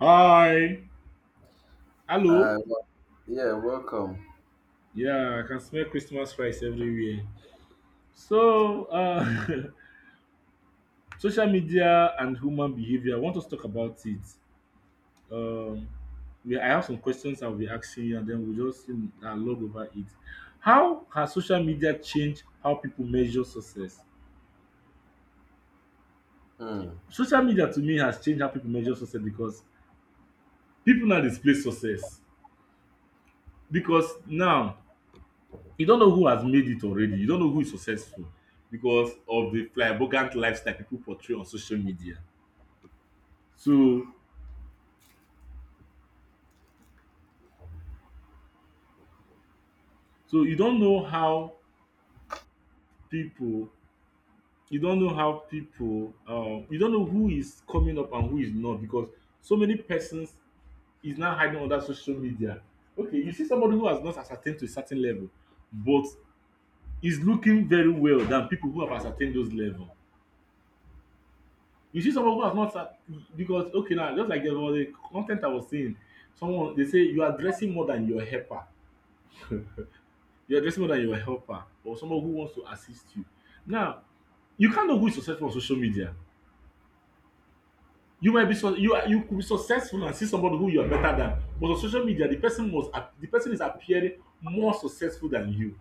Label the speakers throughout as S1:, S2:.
S1: Hi.
S2: I
S1: Hello.
S2: Yeah, welcome.
S1: Yeah, I can smell Christmas rice everywhere. So, uh, Social media and human behavior. I want us to talk about it. I have some questions I'll be asking you, and then we'll just log over it. How has social media changed how people measure success?
S2: Hmm.
S1: Social media to me has changed how people measure success because people now display success. Because now you don't know who has made it already. You don't know who is successful because of the flamboyant lifestyle people portray on social media. So so you don't know how people people, you don't know who is coming up and who is not, because so many persons is now hiding under social media. Okay, you see somebody who has not ascertained to a certain level, but is looking very well than people who have ascertained those level. You see someone who has not sat, because okay, now just like about the con ten t I was saying, someone dey say you are dressing more than your helper, you are dressing more than your helper or someone who wants to assist you. Now you can't know who is successful on social media. You might be su you are you could be successful and see somebody who you are better than, but on social media the person is appearing more successful than you.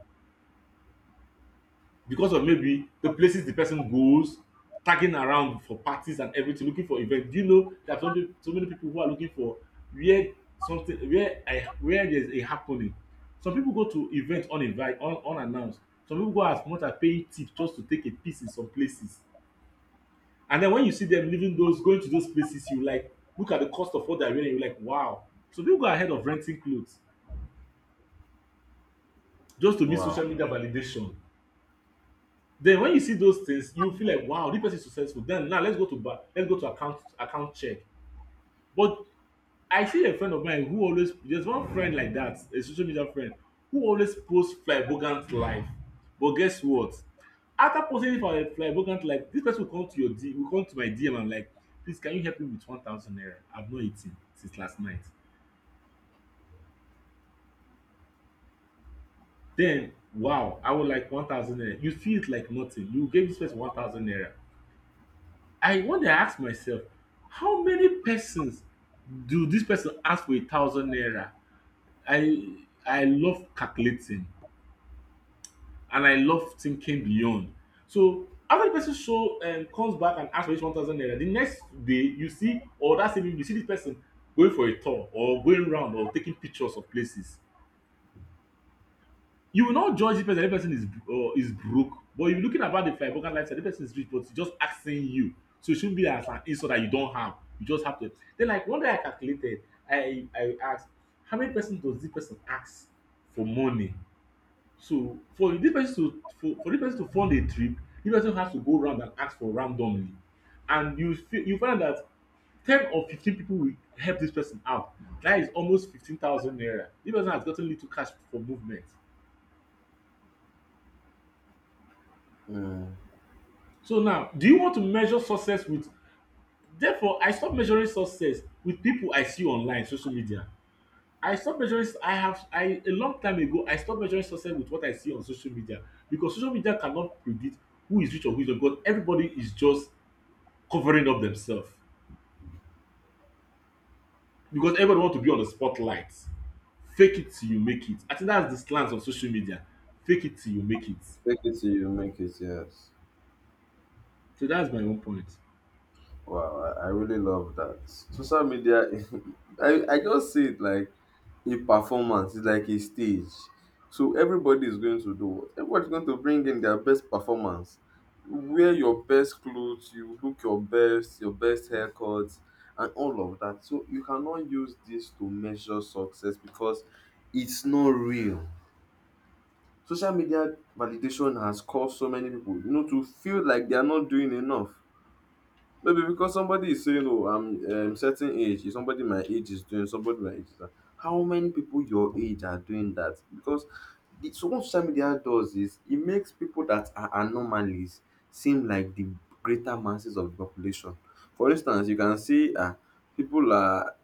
S1: Because of maybe the places the person goes, tagging around for parties and everything, looking for events. Do you know there are so many, so many people who are looking for where something, where I, where there's a happening. Some people go to event unannounced. Some people go as much as paying tip just to take a piece in some places. And then when you see them leaving those, going to those places, you like look at the cost of what they're wearing, you're like, wow. Some people go ahead of renting clothes just to meet
S2: Wow.
S1: social media validation. Then when you see those things, you feel like, wow, this person is successful. Then now, let's go to account check. But I see a friend of mine who always, there's one friend like that, a social media friend, who always posts flamboyant life. But guess what? After posting for a flamboyant life, this person will come to will come to my DM and like, please, can you help me with 1,000 naira? I've not eaten since last night. Then, wow, I would like 1,000 naira. You feel it like nothing. You gave this person 1,000 naira. I one dey ask myself, how many persons do dis person ask for a thousand naira? I I love calculating and I love thinking beyond. So after the person show comes back and ask for dis 1,000 naira, the next day you see, or that same evening, you see dis person going for a tour or going round or taking pictures of places. You will not judge the person. The person is broke, but if you're looking about the flybogan lifestyle, the person is rich, but he's just asking you, so it shouldn't be as an insult that you don't have. You just have to. Then, like one day, I calculated. I asked, how many person does this person ask for money? So for this person to for this person to fund a trip, this person has to go around and ask for randomly, and you find that 10 or 15 people will help this person out. That is almost 15,000 naira. This person has gotten little cash for movement.
S2: Hmm.
S1: So now, do you want to measure success with? Therefore, I stop measuring success with people I see online, social media. I stop measuring. I have. I A long time ago, I stopped measuring success with what I see on social media, because social media cannot predict who is rich or who is not. Because everybody is just covering up themselves, because everybody want to be on the spotlight. Fake it till you make it. I think that's the slant of social media. Fake it till you make it.
S2: Take it till you make it. Yes.
S1: So that's my own point.
S2: Wow. I really love that. Social media. I just see it like a performance. It's like a stage. So everybody is going to do what? Everybody's going to bring in their best performance. Wear your best clothes. You look your best. Your best haircuts and all of that. So you cannot use this to measure success because it's not real. Social media validation has caused so many people, you know, to feel like they are not doing enough. Maybe because somebody is saying, "Oh, I'm certain age." If somebody my age is doing? Somebody my age is that. How many people your age are doing that? Because so what social media does is it makes people that are anomalies seem like the greater masses of the population. For instance, you can see people are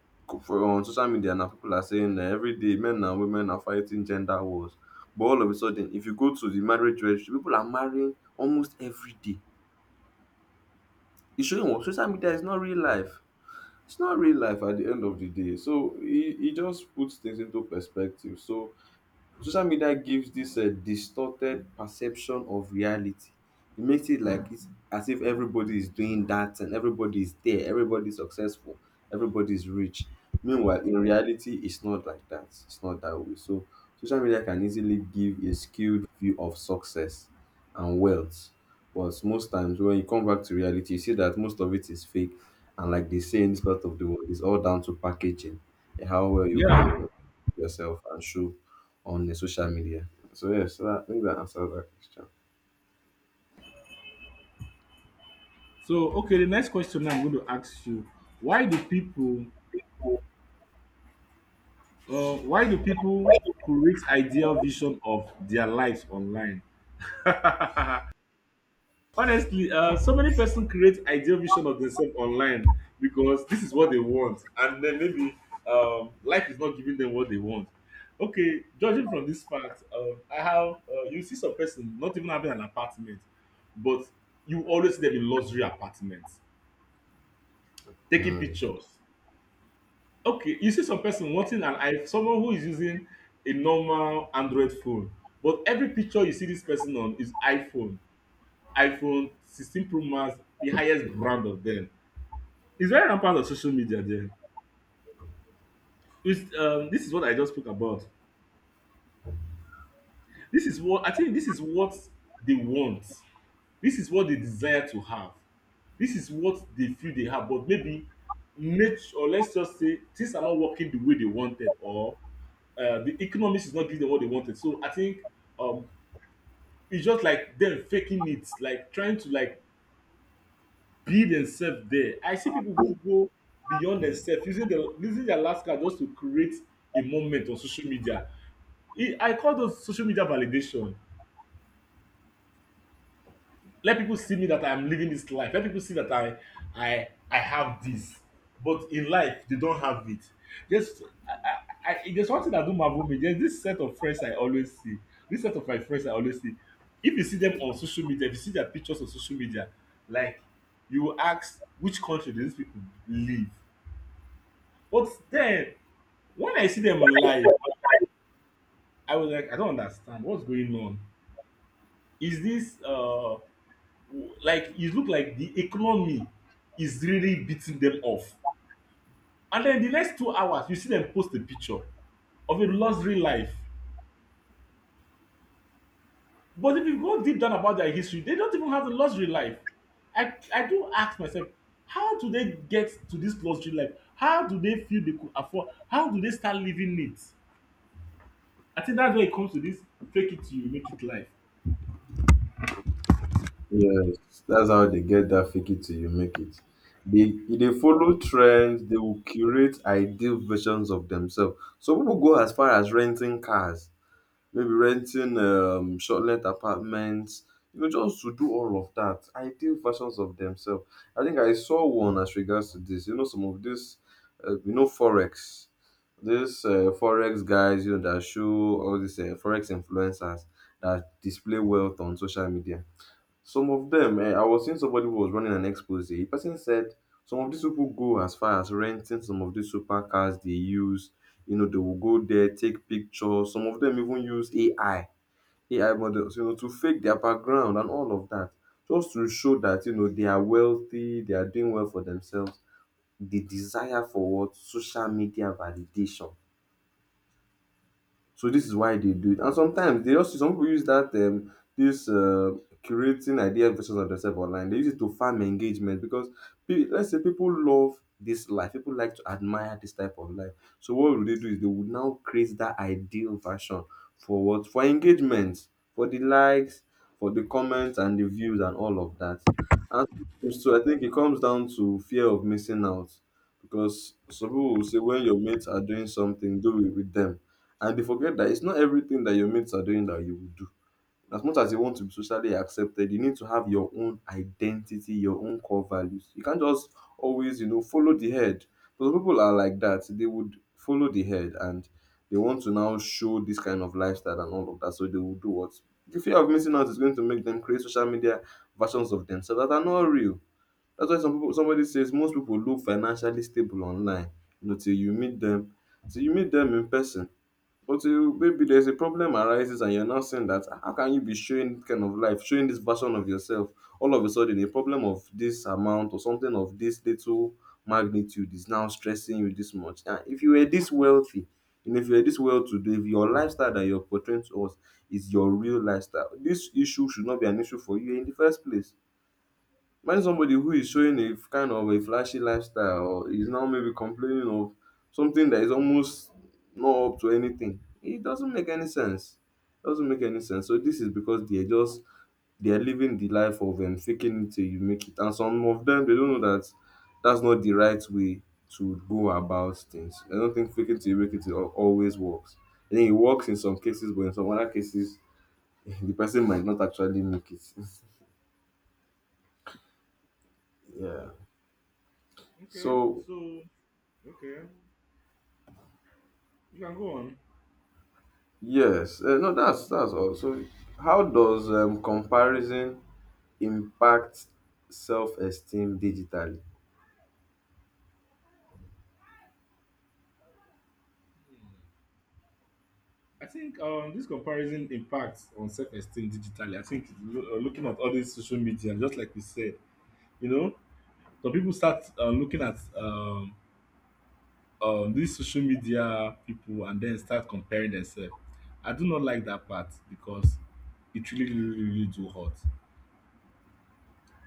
S2: for on social media now. People are saying every day men and women are fighting gender wars. But all of a sudden, if you go to the marriage registry, people are marrying almost every day. It's showing what social media is not real life, it's not real life at the end of the day. So he just puts things into perspective. So social media gives this distorted perception of reality. It makes it like it's as if everybody is doing that and everybody is there, everybody is successful, everybody is rich, meanwhile in reality it's not like that, it's not that way. So social media can easily give a skewed view of success and wealth, but most times when you come back to reality you see that most of it is fake. And like they say in this part of the world, it's all down to packaging, how well you can,
S1: Yeah.
S2: you know, yourself and show on the social media. So yes, so that, I think that answers that question.
S1: So okay, the next question I'm going to ask you: why do people, why do people create ideal vision of their lives online? Honestly, so many person create ideal vision of themselves online because this is what they want, and then maybe life is not giving them what they want. Okay, judging from this fact, I have you see some person not even having an apartment, but you always see them in luxury apartments, taking
S2: Mm.
S1: pictures. Okay, you see some person wanting an iPhone, someone who is using a normal Android phone, but every picture you see this person on is iPhone, 16 Pro Max, the highest brand of them. It's very rampant on social media there. It's This is what I just spoke about. This is what I think, this is what they want, this is what they desire to have, this is what they feel they have, but maybe nature, or let's just say things are not working the way they wanted, or the economics is not giving them what they wanted. So I think, um, it's just like them faking it, like trying to like be themselves there. I see people who go beyond themselves, using their last card just to create a moment on social media. I call those social media validation. Let people see me that I'm living this life, let people see that I have this, but in life they don't have it. Just I There's one thing that do marvel me. There's this set of friends I always see This set of my friends I always see, if you see them on social media, if you see their pictures on social media, like, you will ask, which country do these people live? But then, when I see them live, I was like, I don't understand what's going on. Is this, like, it look like the economy is really beating them off. And then the next 2 hours, you see them post a picture of a luxury life. But if you go deep down about their history, they don't even have a luxury life. I do ask myself, how do they get to this luxury life? How do they feel they could afford? How do they start living it? I think that's where it comes to this fake it till you make it life.
S2: Yes, that's how they get that fake it till you make it. They follow trends, they will curate ideal versions of themselves. So people go as far as renting cars, maybe renting short let apartments, you know, just to do all of that. Ideal versions of themselves. I think I saw one as regards to this. You know, some of this, you know, forex. This forex guys, you know, that show all these forex influencers that display wealth on social media. Some of them eh? I was seeing somebody who was running an expose. The person said some of these people go as far as renting some of these supercars they use. You know, they will go there, take pictures. Some of them even use AI, AI models, you know, to fake their background and all of that, just to show that you know they are wealthy, they are doing well for themselves. The desire for what social media validation. So this is why they do it. And sometimes they also some people use that this curating ideal versions of themselves online. They use it to farm engagement because let's say people love this life, people like to admire this type of life. So what would they do is they would now create that ideal version for what for engagement, for the likes, for the comments and the views and all of that. And so I think it comes down to fear of missing out because some people will say when your mates are doing something, do it with them and they forget that it's not everything that your mates are doing that you will do. As much as you want to be socially accepted, you need to have your own identity, your own core values. You can't just always, you know, follow the head. But some people are like that. They would follow the head, and they want to now show this kind of lifestyle and all of that. So they will do what? The fear of missing out is going to make them create social media versions of themselves that are not real. That's why some people, somebody says most people look financially stable online. You know, till you meet them, till you meet them in person, but you, maybe there's a problem arises, and you're now saying that, "Ah, how can you be showing kind of life, showing this version of yourself? All of a sudden, a problem of this amount or something of this little magnitude is now stressing you this much. And if you were this wealthy, and if you were this well-to-do, if your lifestyle that you're portraying to us is your real lifestyle, this issue should not be an issue for you in the first place." When somebody who is showing a kind of a flashy lifestyle or is now maybe complaining of something that is almost not up to anything, it doesn't make any sense. It doesn't make any sense. So this is because they're just they're living the life of faking it till you make it, and some of them they don't know that that's not the right way to go about things. I don't think faking till you make it always works. I think it works in some cases, but in some other cases, the person might not actually make it. Yeah.
S1: Okay,
S2: So
S1: so okay, you can go on.
S2: yes, no, that's all. So, how does comparison impact self-esteem digitally?
S1: I think this comparison impacts on self-esteem digitally. I think looking at all this social media, just like we said, you know, some people start looking at these social media people and then start comparing themselves. I do not like that part because it really, really, really do hurt.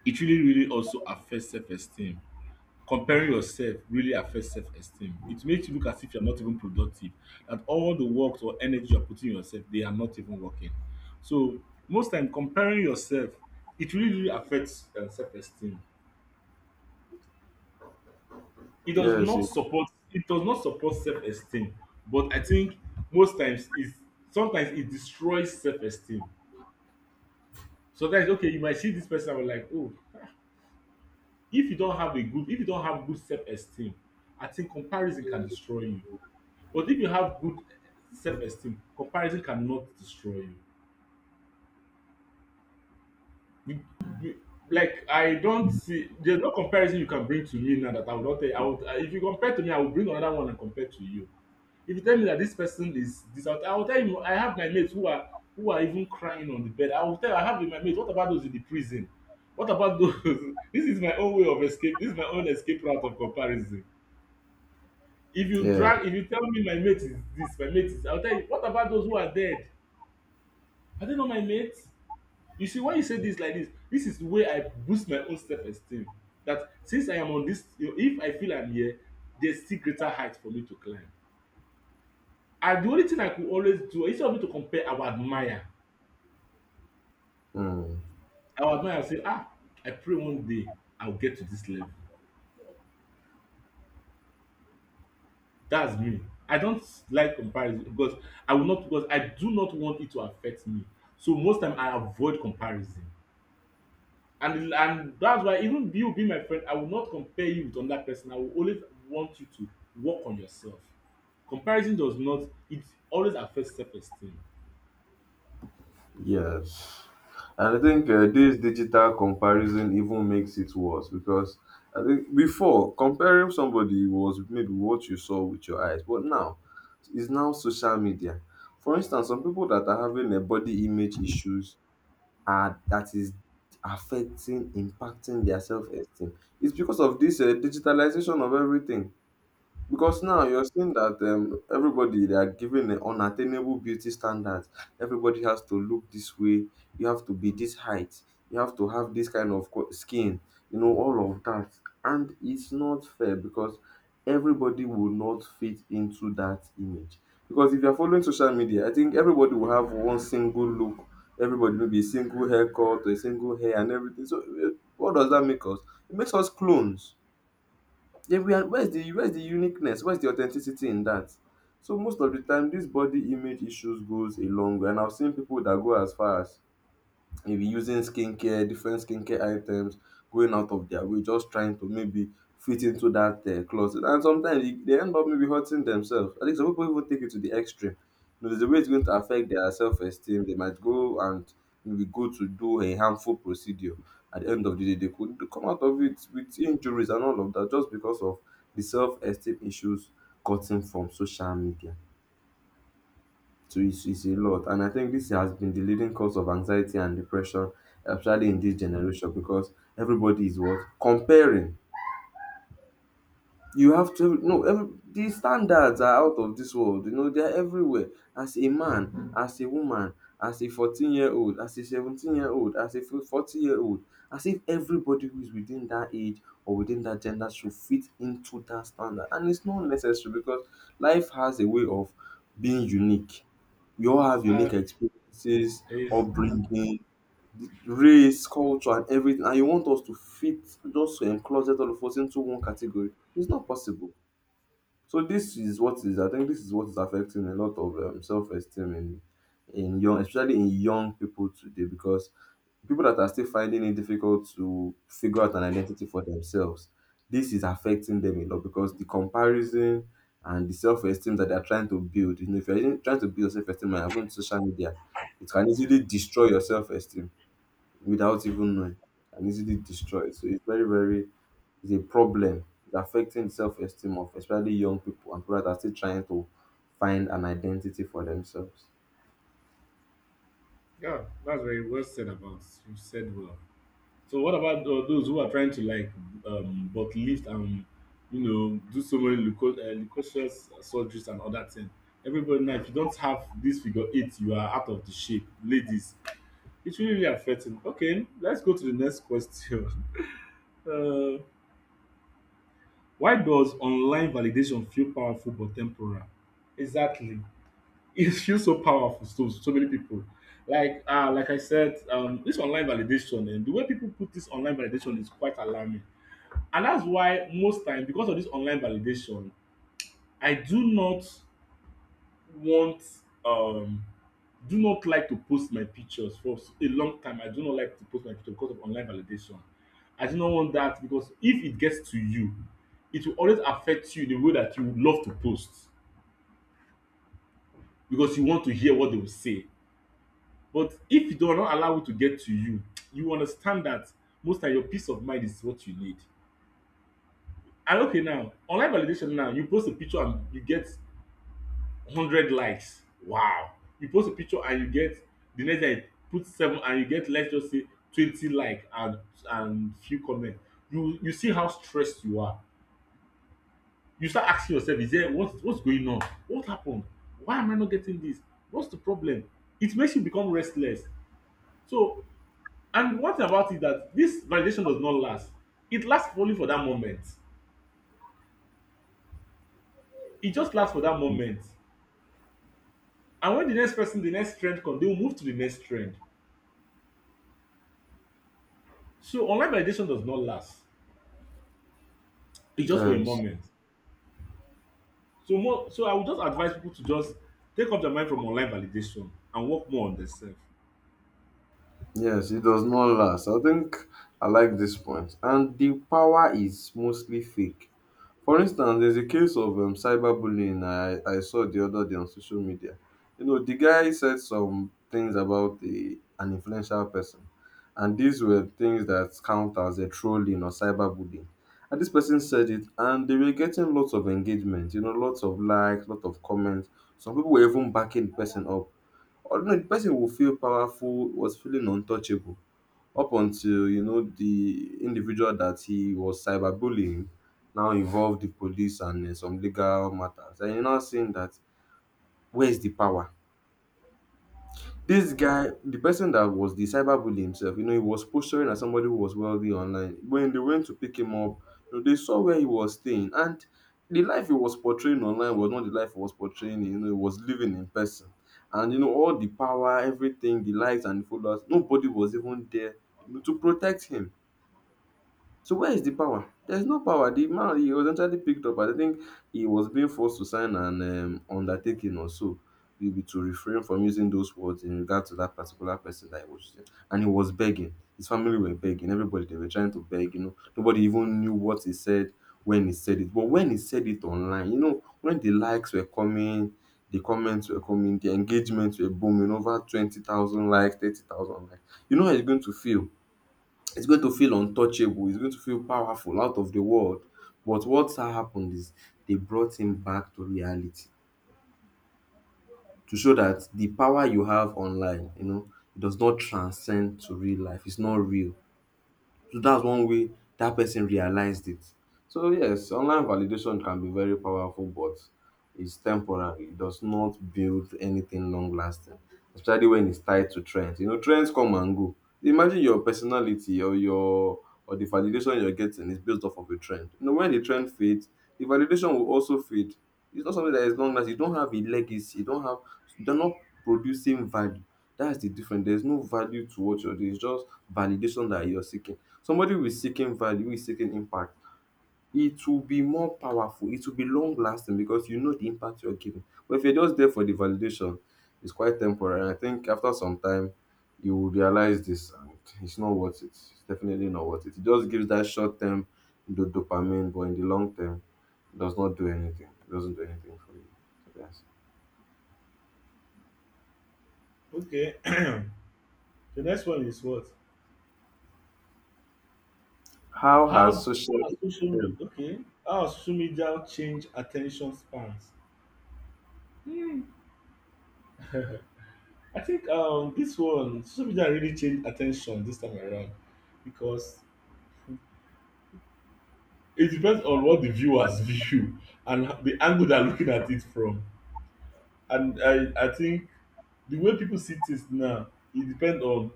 S1: It really, really also affects self-esteem. Comparing yourself really affects self-esteem. It makes you look as if you're not even productive, that all the work or energy you're putting in yourself, they are not even working. So most time, comparing yourself, it really, really affects self-esteem. It does
S2: Yes,
S1: not
S2: it-
S1: support. It does not support self-esteem, but I think most times is, sometimes it destroys self-esteem. Sometimes, okay, you might see this person and be like, oh, if you don't have good self-esteem, I think comparison can destroy you. But if you have good self-esteem, comparison cannot destroy you. You you, like, I don't see, there's no comparison you can bring to me now that I will not tell you. I would if you compare to me, I will bring another one and compare to you. If you tell me that this person is this, I will tell you I have my mates who are even crying on the bed. I will tell you I have my mates, what about those in the prison? What about those? This is my own way of escape. This is my own escape route of comparison.
S2: yeah,
S1: If you tell me my mate is this, my mate is, I'll tell you, what about those who are dead? I don't know my mate. You see, when you say this like this is the way I boost my own self-esteem. That since I am on this, you know, if I feel I'm here, there's still greater height for me to climb. And the only thing I could always do, instead of me to compare, I would admire.
S2: mm,
S1: I would admire and say, ah, I pray one day I'll get to this level. That's me. I don't like comparison because I will not because I do not want it to affect me. So most time I avoid comparison. And that's why even you being my friend, I will not compare you with another person. I will always want you to work on yourself. Comparison does not, it always affects self-esteem.
S2: yes. And I think this digital comparison even makes it worse because I think before, comparing somebody was maybe what you saw with your eyes, but now it's now social media. For instance, some people that are having a body image issues that is affecting, impacting their self-esteem. It's because of this digitalization of everything. Because now you're seeing that everybody they are given an unattainable beauty standards. Everybody has to look this way. You have to be this height. You have to have this kind of skin. You know all of that, and it's not fair because everybody will not fit into that image. Because if you're following social media, I think everybody will have one single look. Everybody will be a single haircut, a single hair, and everything. So eh, what does that make us? It makes us clones. Then we are where's the uniqueness? Where's the authenticity in that? So most of the time, this body image issues goes a long way, and I've seen people that go as far as maybe using skincare, different skincare items, going out of their way, just trying to maybe fit into that closet. And sometimes they end up maybe hurting themselves. I think some people even take it to the extreme. You know, there's a way it's going to affect their self esteem. They might go and maybe go to do a harmful procedure. At the end of the day, they could come out of it with injuries and all of that just because of the self esteem issues gotten from social media. So it's a lot. And I think this has been the leading cause of anxiety and depression, especially in this generation, because everybody is what? Comparing. You have to no every the standards are out of this world, you know they are everywhere, as a man, as a woman, as a 14 year old, as a 17 year old, as a 40 year old, as if everybody who is within that age or within that gender should fit into that standard and it's not necessary because life has a way of being unique. We all have
S1: Uh,
S2: unique experiences,
S1: is
S2: upbringing, the race, culture and everything, and you want us to fit just to encloset all of us into one category. It's not possible. So this is what is I think this is what is affecting a lot of self-esteem in young, especially in young people today, because people that are still finding it difficult to figure out an identity for themselves, this is affecting them a lot because the comparison and the self-esteem that they are trying to build, you know, if you're even trying to build your self-esteem and you're going to social media, it can easily destroy your self-esteem without even knowing, and easily destroyed. So it's very, very, it's a problem. It's affecting the self-esteem of especially young people and people that are still trying to find an identity for themselves.
S1: Yeah, that's very well said about. You said well. So what about those who are trying to like, but lift and, do so many leucocyous surgeries and other things. Everybody now, if you don't have this figure eight, you are out of the shape, ladies. It really really affecting. Okay, let's go to the next question. Uh, why does online validation feel powerful but temporal? Exactly. It feels so powerful to so many people. Like I said, this online validation and the way people put this online validation is quite alarming. And that's why most time, because of this online validation, I do not want, um do not like to post my pictures for a long time. I do not like to post my picture because of online validation. I do not want that because if it gets to you, it will always affect you. The way that you would love to post, because you want to hear what they will say. But if you do not allow it to get to you, you understand that most time your peace of mind is what you need. And okay now, online validation now, you post a picture and you get 100 likes, wow. You post a picture and you get, the next day, put seven, and you get, let's just say, 20 like and few comment, you see how stressed you are. You start asking yourself, is there, what's going on, what happened, why am I not getting this, what's the problem? It makes you become restless. So, and one thing about it, that this validation does not last. It lasts only for that moment. It just lasts for that moment. And when the next person, the next trend come, they will move to the next trend. So online validation does not last. It's just for a
S2: Yes.
S1: moment. So more so, I would just advise people to just take up their mind from online validation and work more on themselves.
S2: Yes, it does not last. I think I like this point. And the power is mostly fake. For instance, there's a case of cyberbullying I saw the other day on social media. You know, the guy said some things about an influential person, and these were things that count as a trolling or cyberbullying. And this person said it, and they were getting lots of engagement, lots of likes, lots of comments. Some people were even backing the person up, although the person will feel powerful, was feeling untouchable up until the individual that he was cyberbullying now involved the police and some legal matters. And you're now seeing that, where is the power? This guy, the person that was the cyberbully himself, he was posturing as somebody who was wealthy online. When they went to pick him up, they saw where he was staying, and the life he was portraying online was not the life he was portraying. He was living in person, and all the power, everything, the likes and the followers, nobody was even there, to protect him. So where is the power? There's no power. The man, he was eventually picked up. I think he was being forced to sign an undertaking or so, maybe to refrain from using those words in regard to that particular person that he was using. And he was begging. His family were begging. Everybody, they were trying to beg. Nobody even knew what he said when he said it. But when he said it online, when the likes were coming, the comments were coming, the engagements were booming, over 20,000 likes, 30,000 likes. You know how he's going to feel. It's going to feel untouchable. It's going to feel powerful, out of the world. But what happened is they brought him back to reality, to show that the power you have online, it does not transcend to real life. It's not real. So that's one way that person realized it. So yes, online validation can be very powerful, but it's temporary. It does not build anything long lasting, especially when it's tied to trends. Trends come and go. Imagine your personality, or the validation you're getting is based off of a trend. When the trend fades, the validation will also fade. It's not something that is long lasting. You don't have a legacy. You don't have. You're not producing value. That's the difference. There's no value to what you're doing. It's just validation that you're seeking. Somebody who is seeking value, who is seeking impact, it will be more powerful. It will be long lasting because you know the impact you're giving. But if you're just there for the validation, it's quite temporary. I think after some time, you will realize this and it's not worth it. It's definitely not worth it. It just gives that short term, the dopamine, but in the long term, it does not do anything. It doesn't do anything for you. Yes.
S1: Okay. The next one is what?
S2: How has
S1: How
S2: social?
S1: has social
S2: Yeah.
S1: media, okay? How has social media change attention spans? Hmm. I think this one, social media really changed attention this time around, because it depends on what the viewers view and the angle they're looking at it from. And I think the way people see things now, it depends on,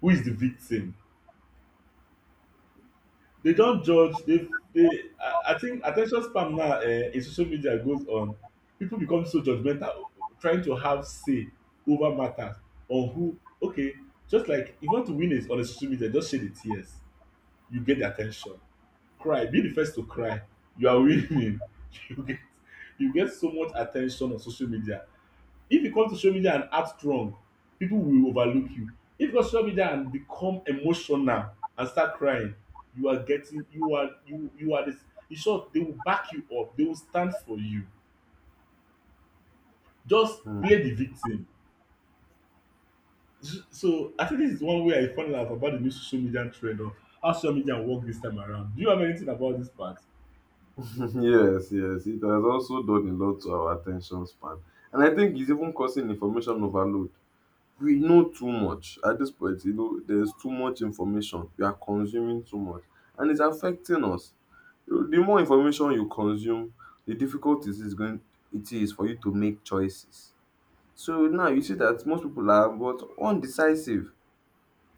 S1: who is the victim? They don't judge. I think attention span now in social media goes on. People become so judgmental, trying to have say over matters on who. Okay, just like if you want to win is on a social media, just shed the tears. You get the attention. Cry. Be the first to cry. You are winning. You get you get so much attention on social media. If you come to social media and act strong, people will overlook you. If you go to social media and become emotional and start crying, you are getting, you are this. In short, they will back you up, they will stand for you. Just play the victim. So I think this is one way I found out about the new social media trend of how social media work this time around. Do you have anything about this part?
S2: Yes, yes, it has also done a lot to our attention span. And I think it's even causing information overload. We know too much at this point. There's too much information. We are consuming too much, and it's affecting us. The more information you consume, the difficult it is going, it is for you to make choices. So now you see that most people are but undecisive.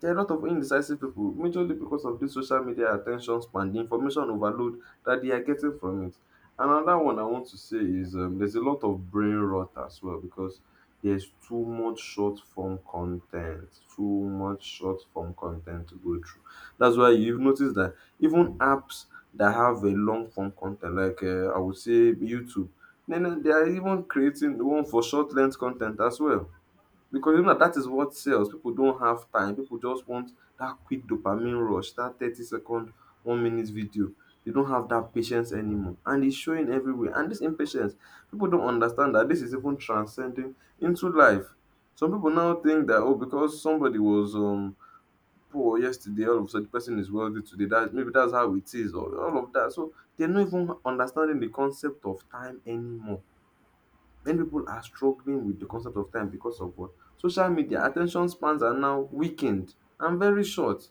S2: There are a lot of indecisive people, majorly because of this social media attention span, the information overload that they are getting from it. Another one I want to say is there's a lot of brain rot as well, because there's too much short form content, too much short form content to go through. That's why you've noticed that even apps that have a long form content, like, I would say YouTube, then they are even creating one for short length content as well. Because you know that that is what sells. People don't have time. People just want that quick dopamine rush, that 30-second, 1-minute video. They don't have that patience anymore. And it's showing everywhere. And this impatience, people don't understand that this is even transcending into life. Some people now think that, oh, because somebody was poor yesterday, all of a sudden the person is wealthy today. That maybe that's how it is, or all of that. So they're not even understanding the concept of time anymore. Many people are struggling with the concept of time because of what? Social media. Attention spans are now weakened and very short.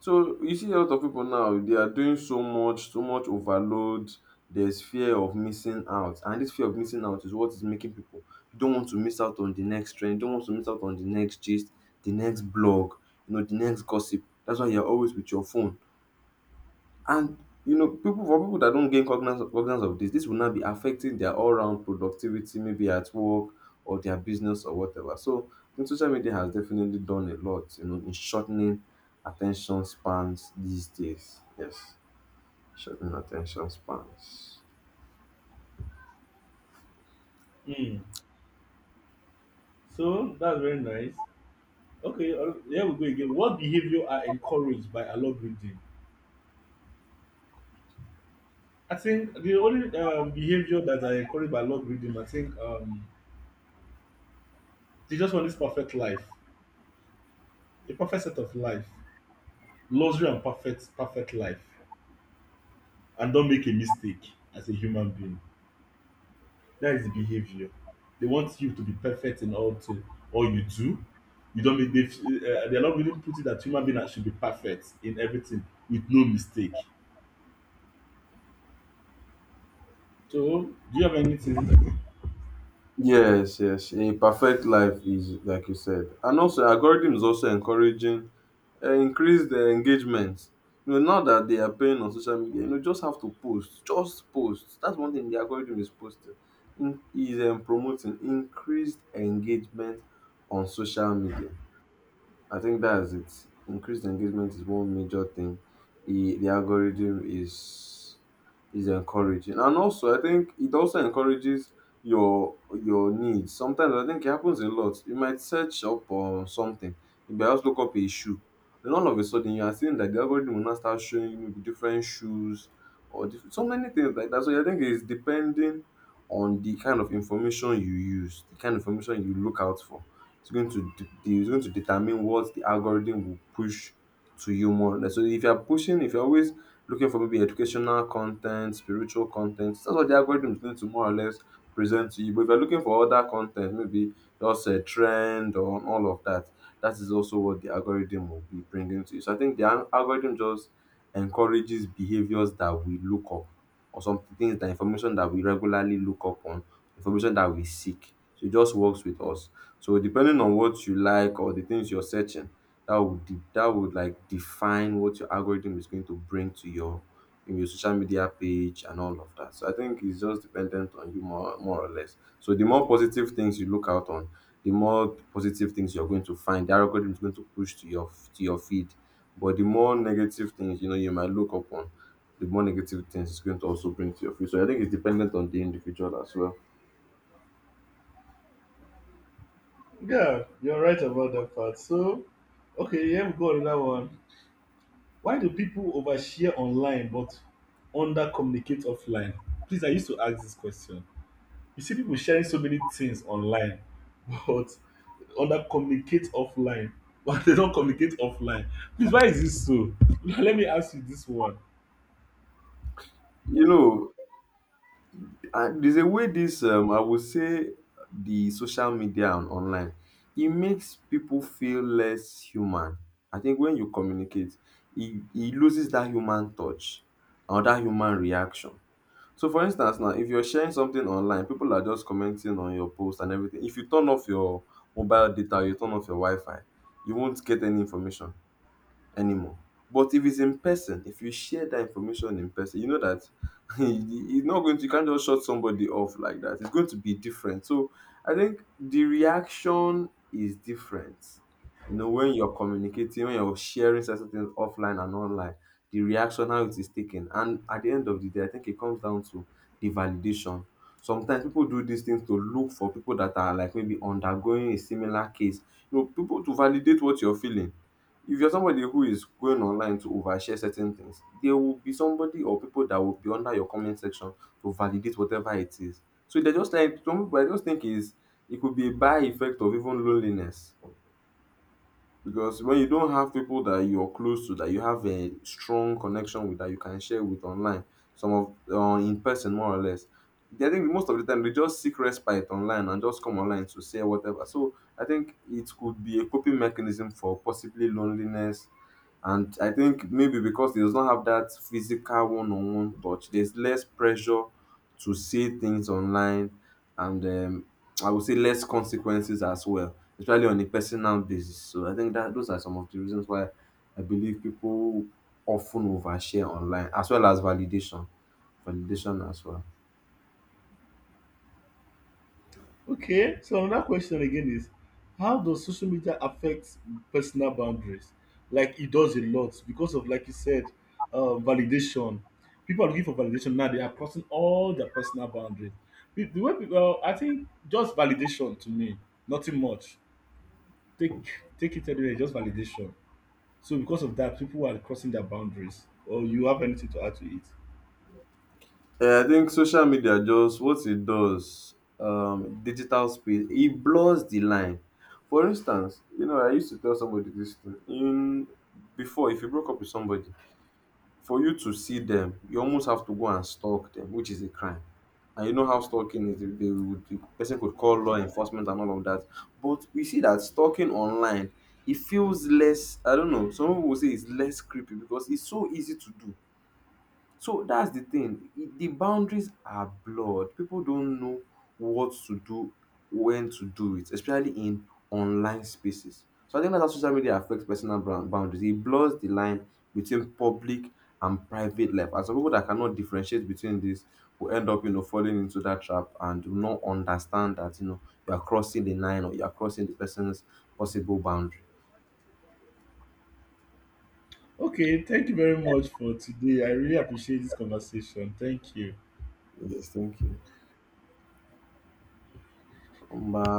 S2: So you see a lot of people now, they are doing so much, so much overload. There's fear of missing out. And this fear of missing out is what is making people don't want to miss out on the next trend, don't want to miss out on the next gist, the next blog, the next gossip. That's why you're always with your phone. And people that don't gain cognizance of this, this will now be affecting their all-round productivity, maybe at work or their business or whatever. So I think social media has definitely done a lot, in shortening attention spans these days. Yes, shortening attention spans.
S1: Hmm. So that's very nice. Okay, here we go again. What behavior are encouraged by algorithm? I think the only behavior that I encourage by love reading, I think they just want this perfect life, a perfect set of life, luxury and perfect life, and don't make a mistake as a human being. That is the behavior. They want you to be perfect in all thing, all you do. You don't make. They're not really putting that human being that should be perfect in everything with no mistake. So, do you have anything?
S2: Yes, yes. A perfect life is like you said. And also algorithm is also encouraging, increase the engagement. Now that they are paying on social media, just have to post. Just post. That's one thing the algorithm is posting. In, is promoting increased engagement on social media. I think that's it. Increased engagement is one major thing. The algorithm is encouraging, and also I think it also encourages your needs. Sometimes I think it happens a lot. You might search up on something, you might just look up a shoe, then all of a sudden you are seeing that the algorithm will now start showing you maybe different shoes, or so many things like that. So I think it's depending on the kind of information you use, the kind of information you look out for. It's going to it's going to determine what the algorithm will push to you more. Like, so if you're pushing, if you're always looking for maybe educational content, spiritual content, that's what the algorithm is going to more or less present to you. But if you're looking for other content, maybe just a trend or all of that, that is also what the algorithm will be bringing to you. So I think the algorithm just encourages behaviors that we look up, or some things, the information that we regularly look up on, information that we seek. So it just works with us. So depending on what you like or the things you're searching, that would that would like define what your algorithm is going to bring to your in your social media page and all of that. So I think it's just dependent on you, more or less. So the more positive things you look out on, the more positive things you're going to find. The algorithm is going to push to your feed. But the more negative things, you know, you might look upon, the more negative things it's going to also bring to your future. I think it's dependent on the individual as well.
S1: Yeah, you're right about that part. So, okay, yeah, we go on another one. Why do people overshare online but under communicate offline? Please, I used to ask this question. You see people sharing so many things online, but under communicate offline, but they don't communicate offline. Please, why is this so? Let me ask you this one.
S2: You know, and there's a way this, I would say, the social media and online, it makes people feel less human. I think when you communicate, it loses that human touch or that human reaction. So, for instance, now if you're sharing something online, people are just commenting on your post and everything. If you turn off your mobile data, you turn off your Wi Fi, you won't get any information anymore. But if it's in person, if you share that information in person, you know that, it's not going to you can't just shut somebody off like that. It's going to be different. So I think the reaction is different. When you're communicating, when you're sharing certain things offline and online, the reaction, how it is taken. And at the end of the day, I think it comes down to the validation. Sometimes people do these things to look for people that are, like, maybe undergoing a similar case. People to validate what you're feeling. If you're somebody who is going online to overshare certain things, there will be somebody or people that will be under your comment section to validate whatever it is. So they're just, like, some people, I just think is, it could be a by effect of even loneliness, because when you don't have people that you're close to, that you have a strong connection with, that you can share with online, some of, in person more or less, I think most of the time they just seek respite online and just come online to say whatever. So I think it could be a coping mechanism for possibly loneliness. And I think maybe because it does not have that physical one-on-one touch, there's less pressure to say things online, and I would say less consequences as well, especially on a personal basis. So I think that those are some of the reasons why I believe people often overshare online, as well as validation. Validation as well.
S1: Okay, so another question again is, how does social media affect personal boundaries? Like it does a lot because of, like you said, validation. People are looking for validation now. They are crossing all their personal boundaries. The way people, I think, just validation to me, nothing much. Take Take it anyway, just validation. So because of that, people are crossing their boundaries. Or you have anything to add to it?
S2: Yeah, I think social media, just what it does, digital space, it blurs the line. For instance, I used to tell somebody this thing in before, if you broke up with somebody, for you to see them, you almost have to go and stalk them, which is a crime. And you know how stalking is. They would, the person could call law enforcement and all of that. But we see that stalking online, it feels less. I don't know. Some people will say it's less creepy because it's so easy to do. So that's the thing. The boundaries are blurred. People don't know what to do, when to do it, especially in online spaces. So I think that's how social media affects personal brand boundaries. It blurs the line between public and private life. And some people that cannot differentiate between this will end up, falling into that trap and do not understand that, you are crossing the line or you are crossing the person's possible boundary.
S1: Okay, thank you very much for today. I really appreciate this conversation. Thank you.
S2: Yes, thank you. Number